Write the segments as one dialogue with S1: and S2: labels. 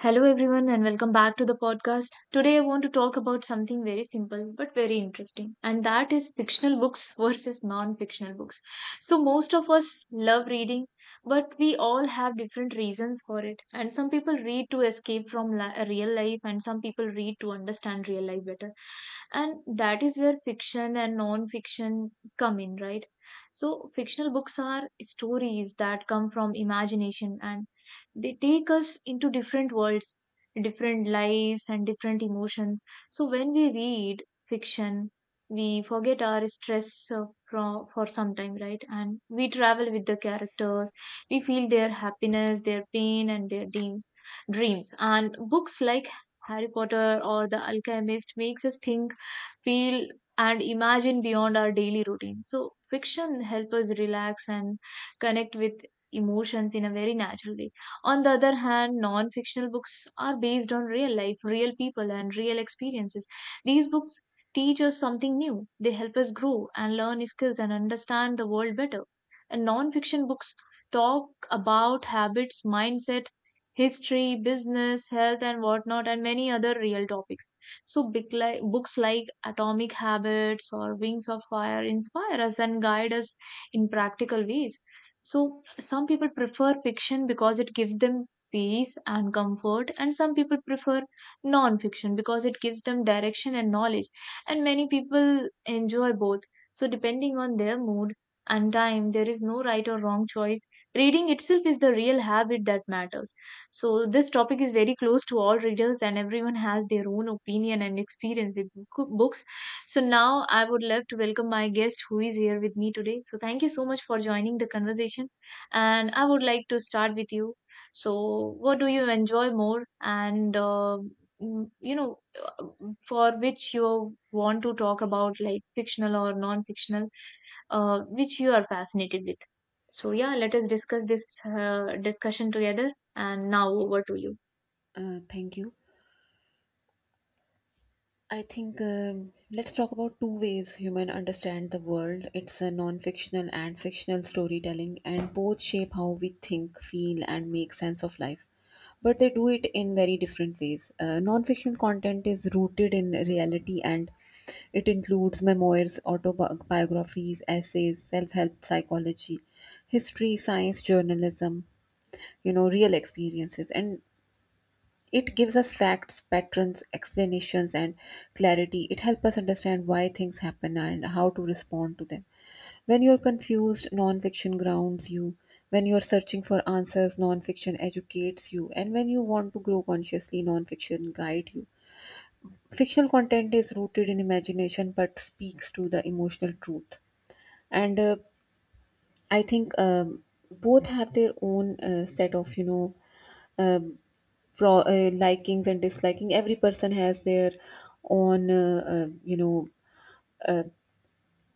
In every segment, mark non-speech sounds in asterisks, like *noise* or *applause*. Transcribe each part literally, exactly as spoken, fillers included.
S1: Hello, everyone, and welcome back to the podcast. Today, I want to talk about something very simple but very interesting, and that is fictional books versus non fictional books. So, most of us love reading, but we all have different reasons for it. And some people read to escape from li- real life, and some people read to understand real life better. And that is where fiction and non fiction come in, right? So, fictional books are stories that come from imagination and they take us into different worlds, different lives, and different emotions. So when we read fiction, we forget our stress uh, from, for some time, right? And we travel with the characters. We feel their happiness, their pain, and their dreams. Dreams and books like Harry Potter or The Alchemist makes us think, feel, and imagine beyond our daily routine. So fiction help us relax and connect with emotions in a very natural way. On the other hand, non fictional books are based on real life, real people, and real experiences. These books teach us something new, they help us grow and learn skills and understand the world better. And non fiction books talk about habits, mindset, history, business, health, and whatnot, and many other real topics. So, big li- books like Atomic Habits or Wings of Fire inspire us and guide us in practical ways. So, some people prefer fiction because it gives them peace and comfort, and some people prefer non fiction because it gives them direction and knowledge. And many people enjoy both. So, depending on their mood and time, there is no right or wrong choice. Reading itself is the real habit that matters. So, this topic is very close to all readers, and everyone has their own opinion and experience with book- books. So now I would love to welcome my guest who is here with me today. So thank you so much for joining the conversation. And I would like to start with you. So what do you enjoy more and uh, mm, you know uh, for which you want to talk about like fictional or non-fictional, uh, which you are fascinated with. So yeah, let us discuss this uh, discussion together. And now over to you.
S2: Uh, thank you. I think um, let's talk about two ways human understand the world. It's a non-fictional and fictional storytelling, and both shape how we think, feel, and make sense of life. But they do it in very different ways. Uh, non-fictional content is rooted in reality, and it includes memoirs, autobiographies, essays, self-help psychology, history, science, journalism, you know real experiences, and it gives us facts, patterns, explanations, and clarity. It helps us understand why things happen and how to respond to them. When you're confused, nonfiction grounds you. When you're searching for answers, nonfiction educates you. And when you want to grow consciously, nonfiction guide you. Fictional content is rooted in imagination but speaks to the emotional truth. And uh, I think um, both have their own uh, set of, you know, um, fro uh, likings and disliking. Every person has their own, uh, uh, you know, uh,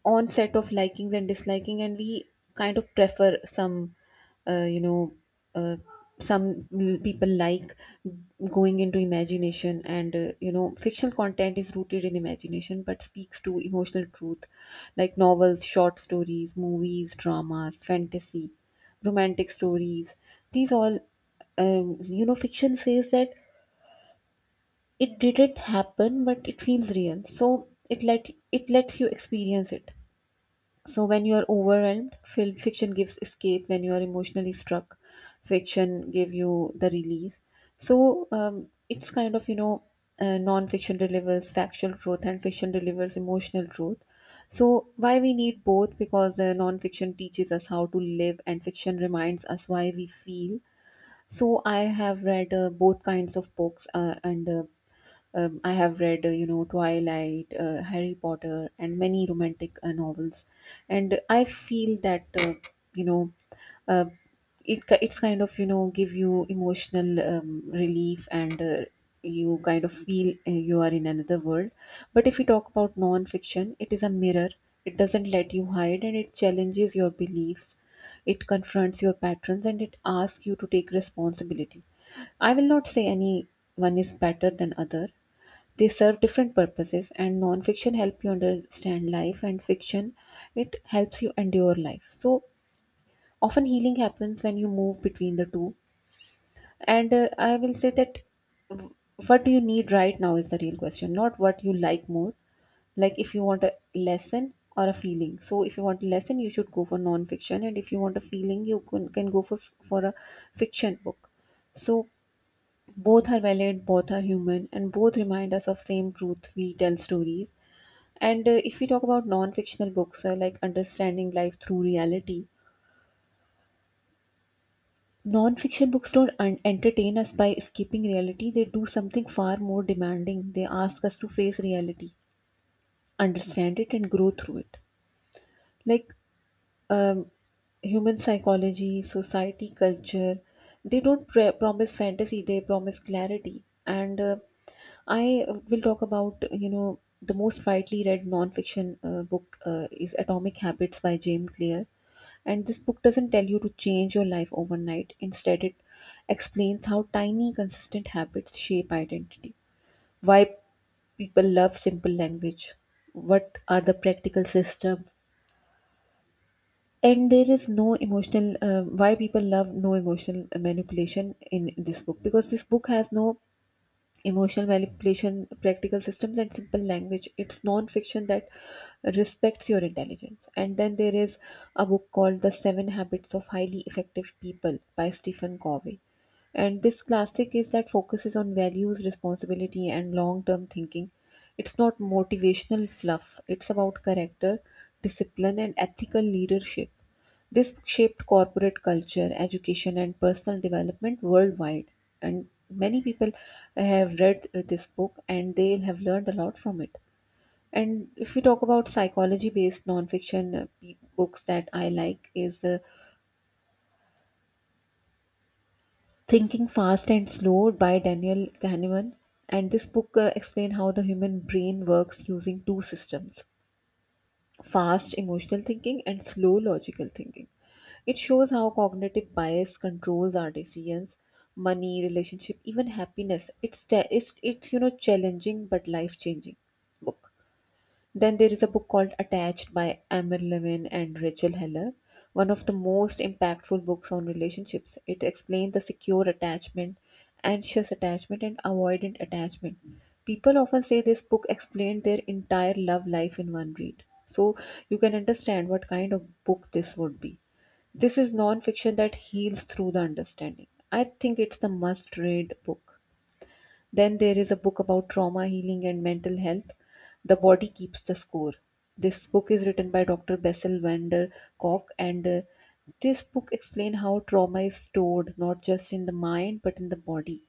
S2: onset of likings and disliking, and we kind of prefer some. uh, you know uh, some l- People like going into imagination, and uh, you know fictional content is rooted in imagination but speaks to emotional truth, like novels, short stories, movies, dramas, fantasy, romantic stories. These all um, you know fiction says that it didn't happen, but it feels real, so it let it lets you experience it. So when you are overwhelmed, film fiction gives escape. When you are emotionally struck, fiction give you the release. So, um, it's kind of you know, uh, non-fiction delivers factual truth, and fiction delivers emotional truth. So, why we need both? Because uh, non-fiction teaches us how to live, and fiction reminds us why we feel. So, I have read uh, both kinds of books, uh, and uh, um, I have read, uh, you know, Twilight, uh, Harry Potter, and many romantic uh, novels, and I feel that uh, you know, uh, it ki- it's kind of you know give you emotional um, relief. And. Uh, you kind of feel uh, you are in another world. But if we talk about non-fiction, it is a mirror. It doesn't let you hide, and it challenges your beliefs. It confronts your patterns, and it asks you to take responsibility. I will not say any one is better than other. They serve different purposes, and non-fiction help you understand life, and fiction it helps you endure life. So often healing happens when you move between the two. And uh, I will say that what do you need right now is the real question, not what you like more. Like if you want a lesson or a feeling. So if you want a lesson, you should go for non-fiction, and if you want a feeling, you can, can go for for a fiction book. So both are valid, both are human, and both remind us of same truth, we tell stories. And uh, if we talk about non-fictional books, uh, like understanding life through reality, non-fiction books don't un- entertain us by escaping reality. They do something far more demanding. They ask us to face reality, understand it, and grow through it. Like um, human psychology, society, culture, they don't pre- promise fantasy. They promise clarity. And uh, I uh, will talk about you know the most widely read nonfiction uh, book uh, is Atomic Habits by James Clear, and this book doesn't tell you to change your life overnight. Instead, it explains how tiny, consistent habits shape identity. Why people love simple language. What are the practical systems? And there is no emotional. Uh, why people love no emotional manipulation in this book, because this book has no emotional manipulation, practical systems, and simple language. It's non-fiction that respects your intelligence. And then there is a book called The Seven Habits of Highly Effective People by Stephen Covey. And this classic is that focuses on values, responsibility, and long-term thinking. It's not motivational fluff. It's about character, discipline, and ethical leadership. This book shaped corporate culture, education, and personal development worldwide. And many people have read this book and they have learned a lot from it. And if we talk about psychology based nonfiction uh, pe- books that I like, is uh, Thinking Fast and Slow by Daniel Kahneman. And this book uh, explains how the human brain works using two systems: fast emotional thinking and slow logical thinking. It shows how cognitive bias controls our decisions, money, relationship, even happiness. It's te- it's, it's you know challenging but life changing book. Then there is a book called Attached by Amir Levin and Rachel Heller, one of the most impactful books on relationships. It explains the secure attachment, anxious attachment, and avoidant attachment. People often say this book explained their entire love life in one read. So you can understand what kind of book this would be. This is non fiction that heals through the understanding. I think it's the must read book. Then there is a book about trauma healing and mental health, The Body Keeps the Score. This book is written by Doctor Bessel van der Kolk, and uh, this book explains how trauma is stored not just in the mind but in the body.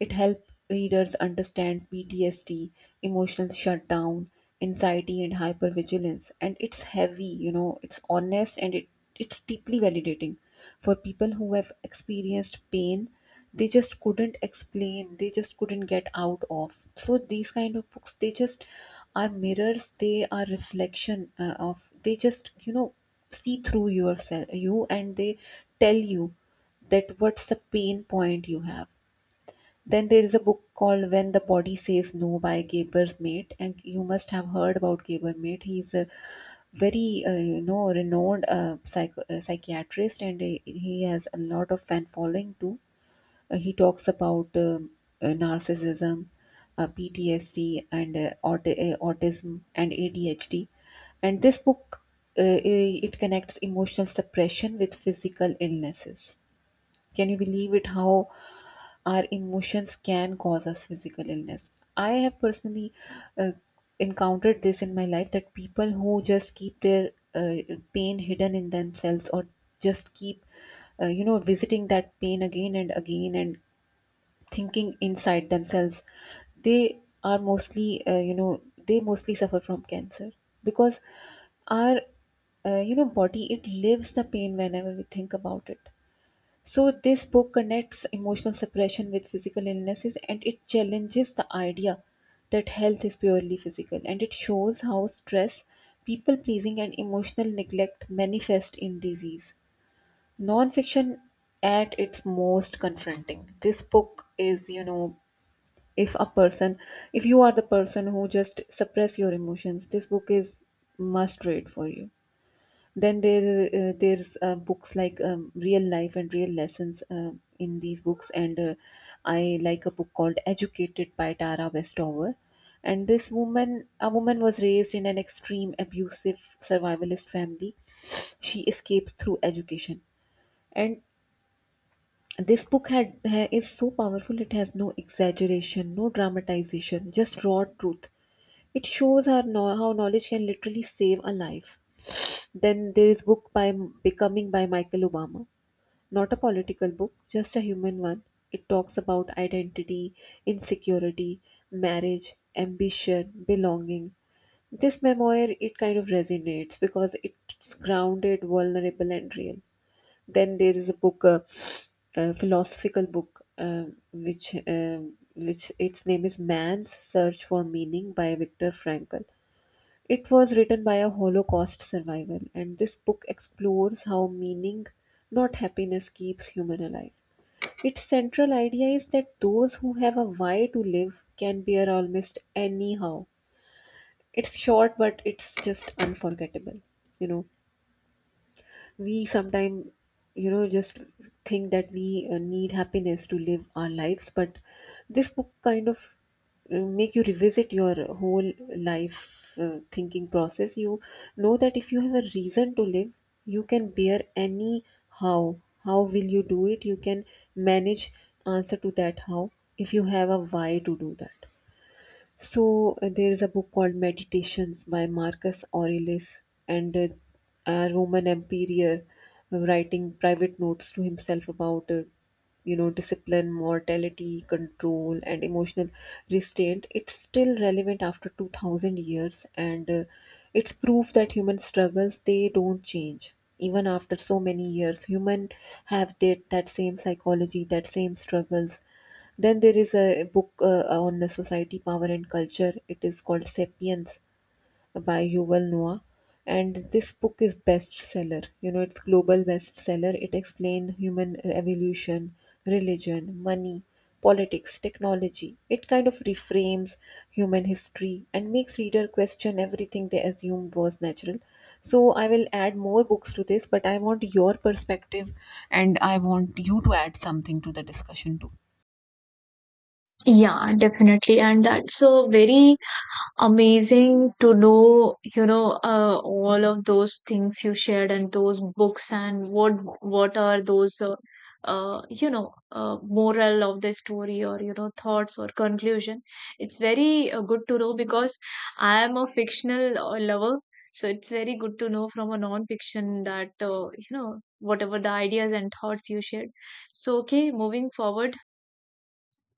S2: It helps readers understand P T S D, emotional shutdown, anxiety, and hypervigilance. And it's heavy, you know, it's honest, and it, it's deeply validating for people who have experienced pain they just couldn't explain, they just couldn't get out of. So these kind of books, they just are mirrors, they are reflection uh, of. They just you know see through yourself you, and they tell you that what's the pain point you have. Then there is a book called When the Body Says No by Gaber Mate, and you must have heard about Gaber Mate. He's a very uh, you know renowned uh, psych- uh, psychiatrist, and uh, he has a lot of fan following too. Uh, he talks about um, uh, narcissism, uh, P T S D, and uh, aut- uh, autism and A D H D. And this book uh, i- it connects emotional suppression with physical illnesses. Can you believe it? How our emotions can cause us physical illness. I have personally uh, encountered this in my life, that people who just keep their uh, pain hidden in themselves, or just keep uh, you know, visiting that pain again and again and thinking inside themselves, they are mostly, uh, you know, they mostly suffer from cancer, because our, uh, you know, body, it lives the pain whenever we think about it. So this book connects emotional separation with physical illnesses, and it challenges the idea that health is purely physical. And it shows how stress, people pleasing, and emotional neglect manifest in disease. Non-fiction at its most confronting. This book is, you know, if a person, if you are the person who just suppress your emotions, this book is must read for you. Then there uh, there's uh, books like um, Real Life and Real Lessons uh, in these books, and uh, I like a book called Educated by Tara Westover. And this woman, a woman was raised in an extreme abusive survivalist family. She escapes through education, and this book had ha- is so powerful. It has no exaggeration, no dramatization, just raw truth. It shows her no- how knowledge can literally save a life. Then there is book by Becoming by Michael Obama. Not a political book, just a human one. It talks about identity, insecurity, marriage, ambition, belonging. This memoir it kind of resonates because it's grounded, vulnerable, and real. Then there is a book, uh, a philosophical book, um, which um, which its name is Man's Search for Meaning by Viktor Frankl. It was written by a Holocaust survivor, and this book explores how meaning, not happiness, keeps human alive. Its central idea is that those who have a why to live can bear almost anyhow. It's short, but it's just unforgettable. You know, we sometimes you know just think that we uh, need happiness to live our lives, but this book kind of uh, make you revisit your whole life uh, thinking process. You know that if you have a reason to live, you can bear any how. How will you do it? You can manage answer to that how, if you have a why to do that. So uh, there is a book called Meditations by Marcus Aurelius, and uh, a Roman emperor writing private notes to himself about, uh, you know, discipline, mortality, control, and emotional restraint. It's still relevant after two thousand years, and uh, it's proof that human struggles they don't change even after so many years. Human have that that same psychology, that same struggles. Then there is a book uh, on the society, power, and culture. It is called *Sapiens* by Yuval Noah, and this book is bestseller. You know, it's global bestseller. It explains human evolution, religion, money, politics, technology. It kind of reframes human history and makes reader question everything they assumed was natural. So I will add more books to this, but I want your perspective, and I want you to add something to the discussion too.
S1: Yeah, definitely. And that's so very amazing to know, you know, uh, all of those things you shared and those books and what what are those, uh, uh, you know uh, moral of the story or, you know, thoughts or conclusion. It's very uh, good to know because I am a fictional uh, lover, so it's very good to know from a non-fiction that, uh, you know, whatever the ideas and thoughts you shared. So okay, moving forward,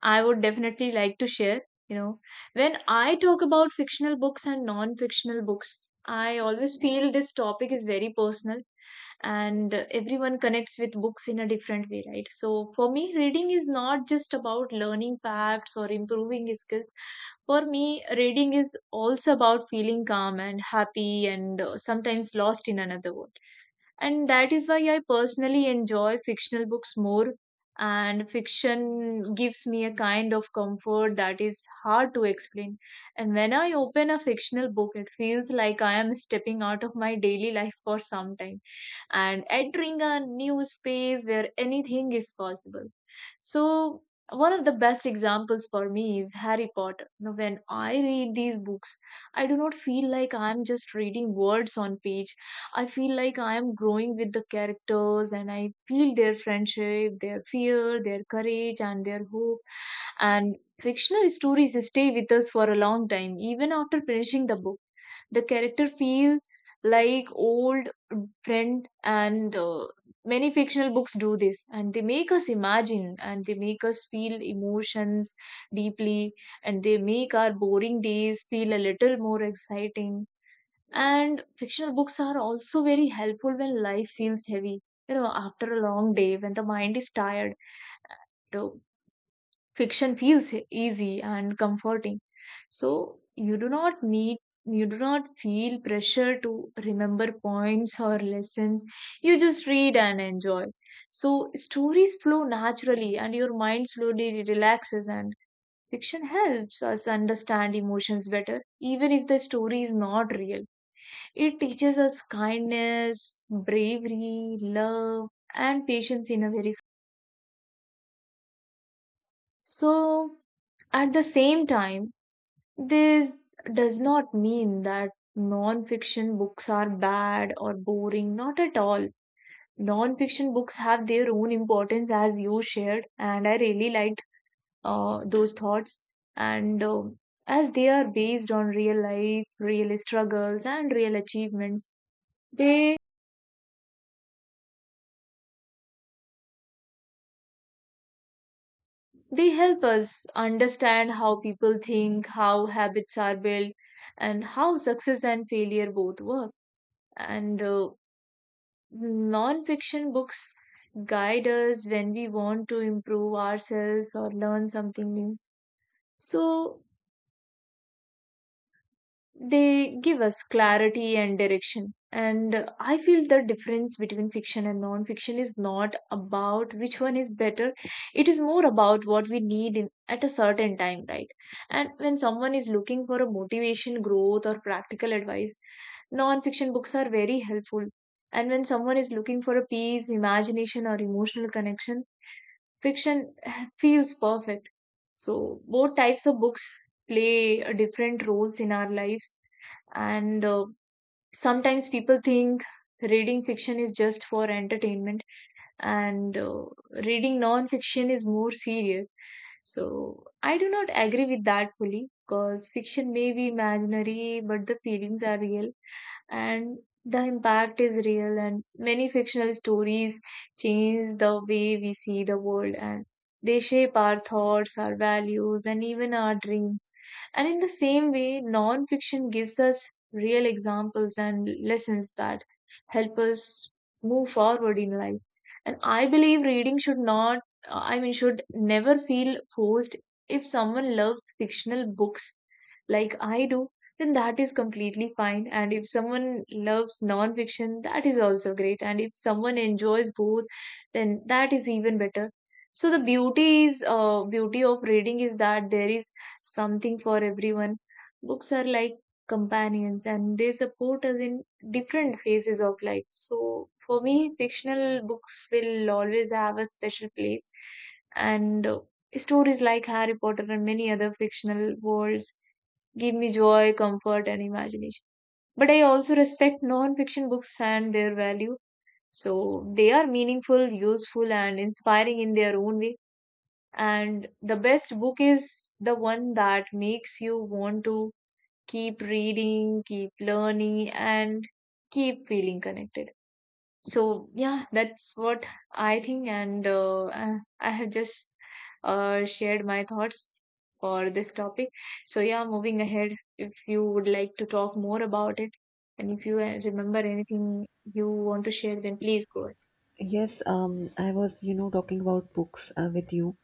S1: I would definitely like to share. You know, when I talk about fictional books and non fictional books, I always feel this topic is very personal and uh, everyone connects with books in a different way, right? So, for me, reading is not just about learning facts or improving skills. For me, reading is also about feeling calm and happy and uh, sometimes lost in another world. And that is why I personally enjoy fictional books more. And fiction gives me a kind of comfort that is hard to explain. And when I open a fictional book, it feels like I am stepping out of my daily life for some time and entering a new space where anything is possible. So one of the best examples for me is Harry Potter. Now, when I read these books, I do not feel like I'm just reading words on page. I feel like I am growing with the characters, and I feel their friendship, their fear, their courage, and their hope. And fictional stories stay with us for a long time, even after finishing the book. The character feel like old friend, and uh, many fictional books do this, and they make us imagine and they make us feel emotions deeply, and they make our boring days feel a little more exciting. And fictional books are also very helpful when life feels heavy. You know, after a long day, when the mind is tired, you know, fiction feels e- easy and comforting. So you do not need, you do not feel pressure to remember points or lessons. You just read and enjoy. So stories flow naturally, and your mind slowly relaxes. And fiction helps us understand emotions better, even if the story is not real. It teaches us kindness, bravery, love, and patience in a very s- so at the same time, this does not mean that non-fiction books are bad or boring. Not at all. Non-fiction books have their own importance, as you shared, and I really liked uh, those thoughts. And um as they are based on real life, real struggles, and real achievements, they they help us understand how people think, how habits are built, and how success and failure both work. And uh, non fiction books guide us when we want to improve ourselves or learn something new. So, they give us clarity and direction. And uh, I feel the difference between fiction and non fiction is not about which one is better. It is more about what we need in, at a certain time, right? And when someone is looking for a motivation, growth, or practical advice, non fiction books are very helpful. And when someone is looking for a peace, imagination, or emotional connection, fiction *laughs* *sighs* feels perfect. So both types of books play uh, different roles in our lives, and uh, sometimes people think reading fiction is just for entertainment, and uh, reading non-fiction is more serious. So I do not agree with that fully because fiction may be imaginary, but the feelings are real and the impact is real. And many fictional stories change the way we see the world, and they shape our thoughts, our values, and even our dreams. And in the same way, nonfiction gives us real examples and lessons that help us move forward in life. And I believe reading should not, I mean, should never feel forced. If someone loves fictional books like I do, then that is completely fine. And if someone loves nonfiction, that is also great. And if someone enjoys both, then that is even better. So the beauty is, uh, beauty of reading is that there is something for everyone. Books are like companions, and they support us in different phases of life. So, for me, fictional books will always have a special place, and uh, stories like Harry Potter and many other fictional worlds give me joy, comfort, and imagination. But I also respect non fiction books and their value. So, they are meaningful, useful, and inspiring in their own way. And the best book is the one that makes you want to keep reading, keep learning, and keep feeling connected. So, yeah, that's what I think. And uh, I I have just uh, shared my thoughts for this topic. So, yeah, moving ahead, if you would like to talk more about it, and if you uh, remember anything you want to share, then please go ahead.
S2: Yes, um, I was, you know, talking about books uh, with you,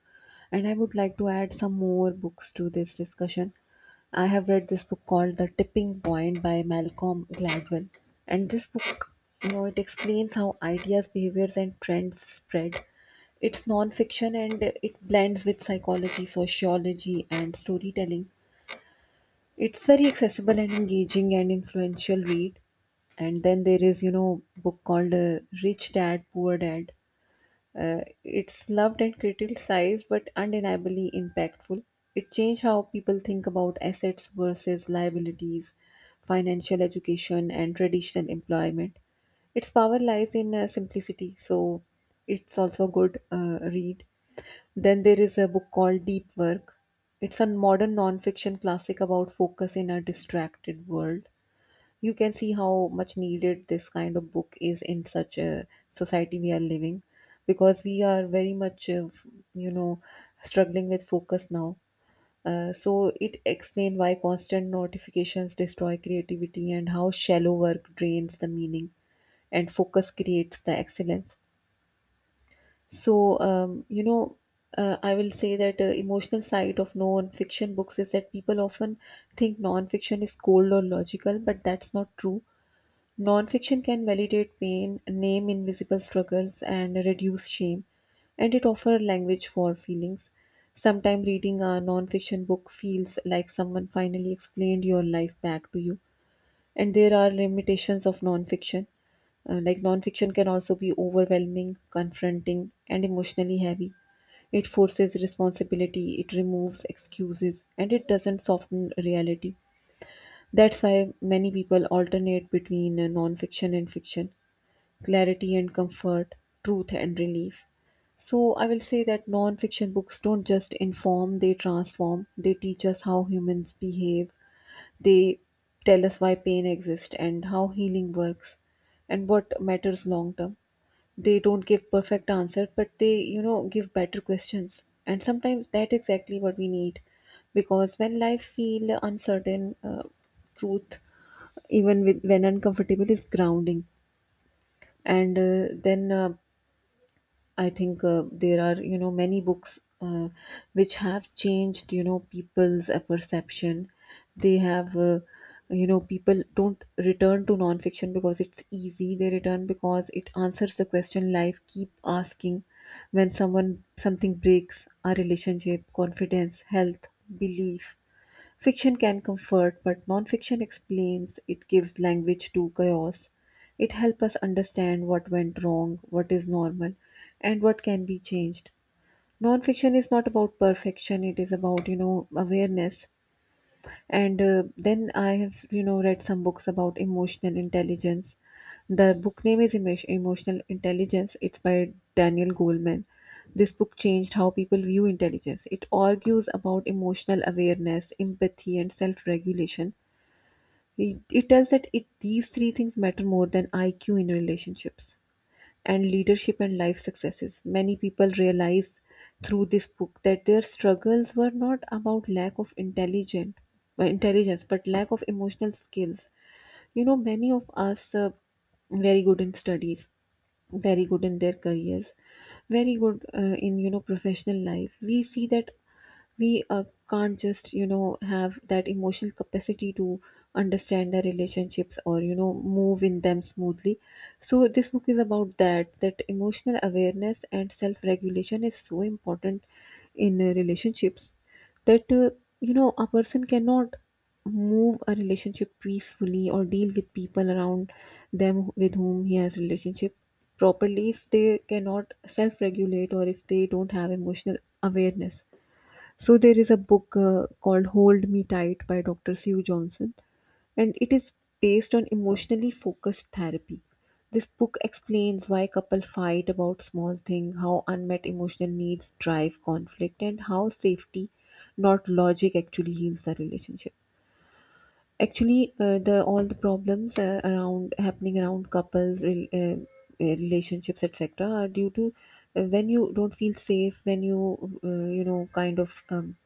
S2: and I would like to add some more books to this discussion. I have read this book called The Tipping Point by Malcolm Gladwell, and this book, you know, it explains how ideas, behaviors, and trends spread. It's non-fiction and it blends with psychology, sociology, and storytelling. It's very accessible and engaging and influential read. And then there is, you know, book called uh, Rich Dad, Poor Dad. Uh, it's loved and criticized, but undeniably impactful. It changed how people think about assets versus liabilities, financial education, and traditional employment. Its power lies in uh, simplicity, so it's also a good uh, read. Then there is a book called Deep Work. It's a modern non-fiction classic about focus in a distracted world. You can see how much needed this kind of book is in such a society we are living, because we are very much uh, f- you know struggling with focus now. Uh, so it explains why constant notifications destroy creativity and how shallow work drains the meaning, and focus creates the excellence. So um, you know uh, i will say that uh, emotional side of non-fiction books is that people often think non-fiction is cold or logical, but that's not true. Nonfiction can validate pain, name invisible struggles, and reduce shame, and it offers language for feelings. Sometimes reading a nonfiction book feels like someone finally explained your life back to you. And there are limitations of nonfiction. Uh, like, nonfiction can also be overwhelming, confronting, and emotionally heavy. It forces responsibility, it removes excuses, and it doesn't soften reality. That's why many people alternate between uh, non and fiction, clarity and comfort, truth and relief. So I will say that non-fiction books don't just inform, they transform. They teach us how humans behave. They tell us why pain exists and how healing works and what matters long term. They don't give perfect answers, but they, you know, give better questions. And sometimes that's exactly what we need, because when life feel uncertain, uh, truth, even with, when uncomfortable, is grounding. And uh, then uh, I think uh, there are, you know, many books uh, which have changed, you know, people's uh, perception. They have uh, You know, people don't return to nonfiction because it's easy. They return because it answers the question life keep asking. When someone something breaks our relationship, confidence, health, belief. Fiction can comfort, but nonfiction explains, it gives language to chaos. It helps us understand what went wrong, what is normal, and what can be changed. Nonfiction is not about perfection, it is about, you know, awareness. And uh, then I have, you know, read some books about emotional intelligence. The book name is Emo- Emotional Intelligence. It's by Daniel Goleman. This book changed how people view intelligence. It argues about emotional awareness, empathy, and self regulation. It, it tells that it, these three things matter more than I Q in relationships and leadership and life successes. Many people realize through this book that their struggles were not about lack of intelligent uh, intelligence but lack of emotional skills. You know, many of us uh, very good in studies, very good in their careers, very good uh, in, you know, professional life. We see that we uh, can't just, you know, have that emotional capacity to understand the relationships or, you know, move in them smoothly. So this book is about that, that emotional awareness and self regulation is so important in uh, relationships, that uh, you know, a person cannot move a relationship peacefully or deal with people around them with whom he has relationship properly if they cannot self-regulate or if they don't have emotional awareness. So there is a book uh, called Hold Me Tight by Dr. Sue Johnson, and it is based on emotionally focused therapy. This book explains why couples fight about small things, how unmet emotional needs drive conflict, and how safety, not logic, actually heals the relationship. Actually, uh, the all the problems uh, around happening around couples, re- uh, uh, relationships, et cetera, are due to uh, when you don't feel safe, when you uh, you know, kind of um,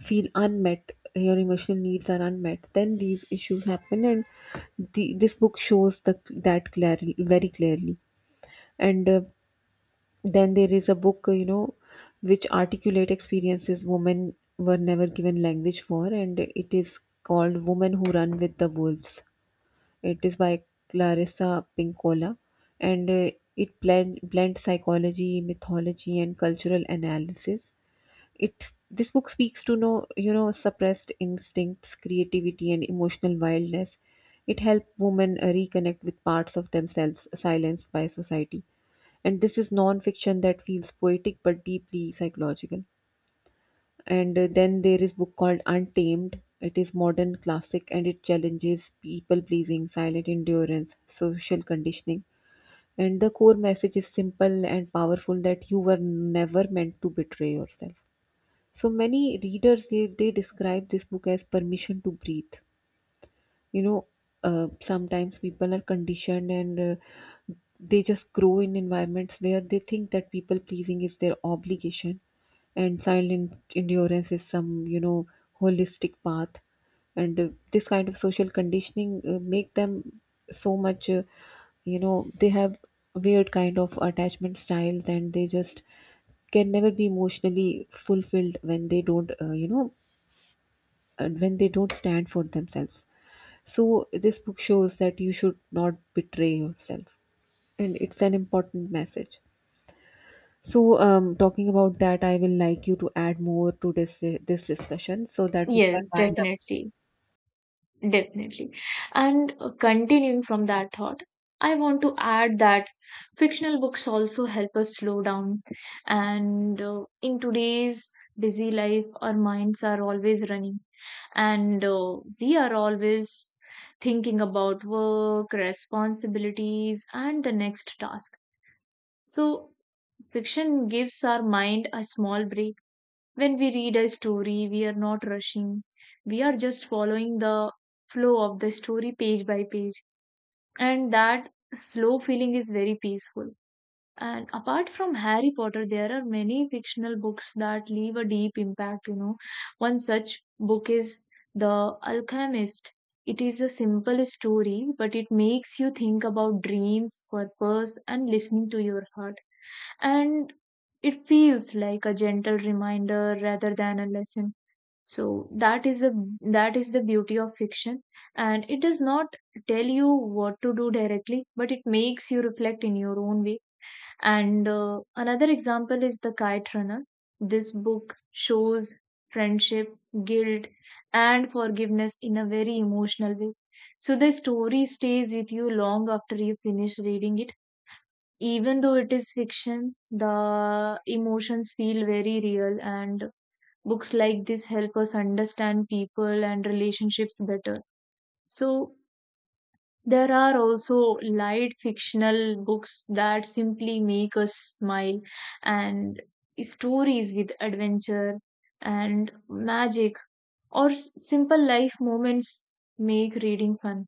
S2: feel unmet, your emotional needs are unmet, then these issues happen. And the, this book shows the, that clearly, very clearly. And uh, then there is a book, uh, you know, which articulate experiences women were never given language for, and it is called "Women Who Run with the Wolves." It is by Clarissa Pinkola, and uh, it blend, blends psychology, mythology, and cultural analysis. It This book speaks to, no you know, suppressed instincts, creativity, and emotional wildness. It helped women uh, reconnect with parts of themselves silenced by society, and this is non-fiction that feels poetic but deeply psychological. And uh, then there is book called Untamed. It is modern classic and it challenges people pleasing, silent endurance, social conditioning, and the core message is simple and powerful, that you were never meant to betray yourself. So many readers, they, they describe this book as permission to breathe. You know, uh, sometimes people are conditioned, and uh, they just grow in environments where they think that people pleasing is their obligation and silent endurance is some, you know, holistic path. And uh, this kind of social conditioning uh, make them so much uh, you know, they have weird kind of attachment styles, and they just can never be emotionally fulfilled when they don't uh, you know and when they don't stand for themselves. So this book shows that you should not betray yourself, and it's an important message. So um, talking about that, I will like you to add more to this this discussion so that we can
S1: Yes,
S2: wind up.
S1: definitely. Definitely. And uh, continuing from that thought, I want to add that fictional books also help us slow down. And uh, in today's busy life, our minds are always running, and uh, we are always thinking about work, responsibilities, and the next task. So, fiction gives our mind a small break. When we read a story, we are not rushing. We are just following the flow of the story page by page. And that slow feeling is very peaceful. And apart from Harry Potter, there are many fictional books that leave a deep impact, you know. One such book is The Alchemist. It is a simple story, but it makes you think about dreams, purpose, and listening to your heart, and it feels like a gentle reminder rather than a lesson. So that is the that is the beauty of fiction, and it does not tell you what to do directly, but it makes you reflect in your own way. And uh, another example is The Kite Runner. This book shows friendship, guilt, and forgiveness in a very emotional way. So the story stays with you long after you finish reading it. Even though it is fiction, the emotions feel very real, and books like this help us understand people and relationships better. So, there are also light fictional books that simply make us smile, and stories with adventure and magic or s- simple life moments make reading fun.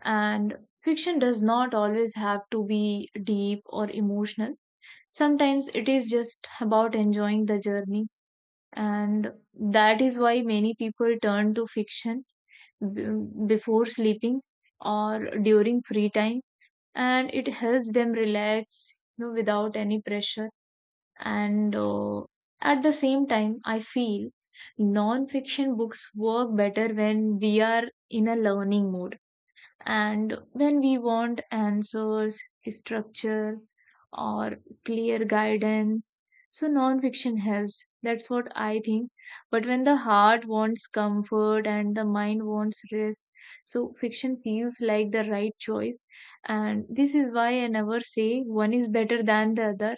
S1: And fiction does not always have to be deep or emotional. Sometimes it is just about enjoying the journey, and that is why many people turn to fiction b- before sleeping or during free time, and it helps them relax, you know, without any pressure. And uh, At the same time, I feel non-fiction books work better when we are in a learning mode and when we want answers, structure, or clear guidance, so non-fiction helps. That's what I think. But when the heart wants comfort and the mind wants rest, so fiction feels like the right choice. And this is why I never say one is better than the other,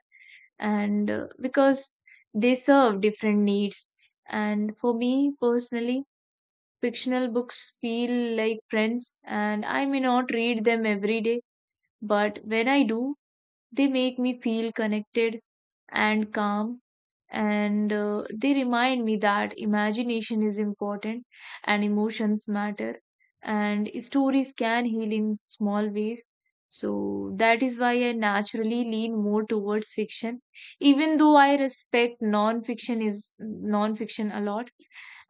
S1: and uh, because they serve different needs. And for me personally, fictional books feel like friends, and I may not read them every day, but when I do, they make me feel connected and calm, and uh, they remind me that imagination is important and emotions matter and stories can heal in small ways. So that is why I naturally lean more towards fiction, even though I respect non-fiction is non-fiction a lot.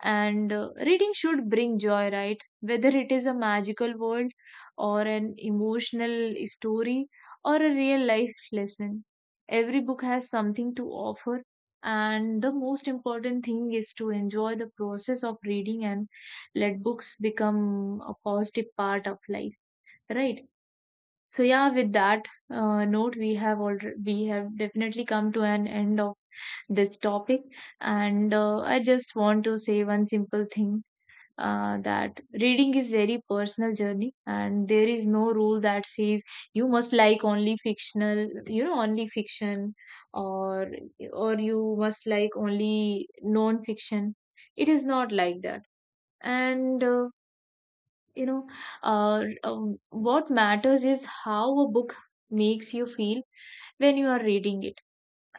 S1: And uh, Reading should bring joy, right? Whether it is a magical world or an emotional story or a real life lesson, every book has something to offer, and the most important thing is to enjoy the process of reading and let books become a positive part of life, right? So yeah, with that uh, note, we have already we have definitely come to an end of this topic, and uh, I just want to say one simple thing, uh, that reading is very personal journey and there is no rule that says you must like only fictional you know only fiction or or you must like only non fiction. It is not like that. And uh, you know uh, um, What matters is how a book makes you feel when you are reading it,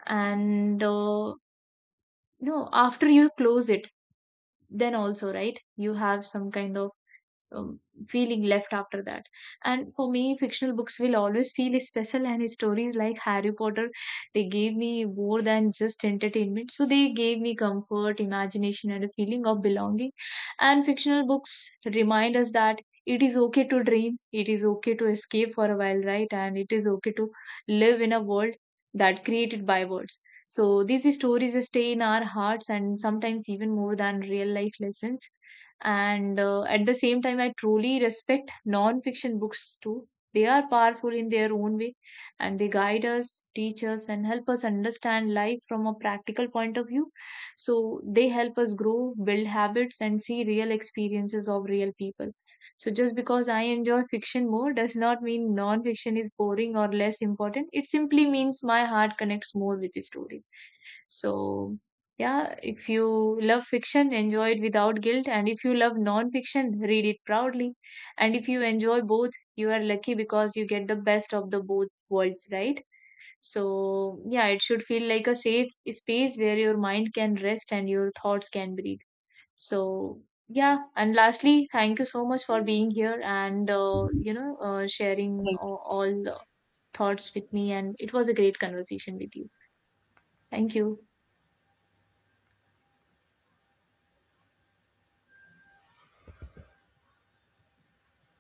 S1: and uh, you know after you close it, then also, right, you have some kind of um, feeling left after that. And for me, fictional books will always feel special, and stories like Harry Potter, they gave me more than just entertainment. So they gave me comfort, imagination, and a feeling of belonging. And fictional books remind us that it is okay to dream, it is okay to escape for a while, right? And it is okay to live in a world that created by words. So these stories stay in our hearts and sometimes even more than real life lessons. And uh, At the same time, I truly respect non-fiction books too. They are powerful in their own way, and they guide us, teach us, and help us understand life from a practical point of view. So they help us grow, build habits, and see real experiences of real people. So just because I enjoy fiction more does not mean non-fiction is boring or less important. It simply means my heart connects more with the stories. So yeah, if you love fiction, enjoy it without guilt. And if you love non-fiction, read it proudly. And if you enjoy both, you are lucky because you get the best of the both worlds, right? So, yeah, it should feel like a safe space where your mind can rest and your thoughts can breathe. So, yeah. And lastly, thank you so much for being here and, uh, you know, uh, sharing all, all the thoughts with me. And it was a great conversation with you. Thank you.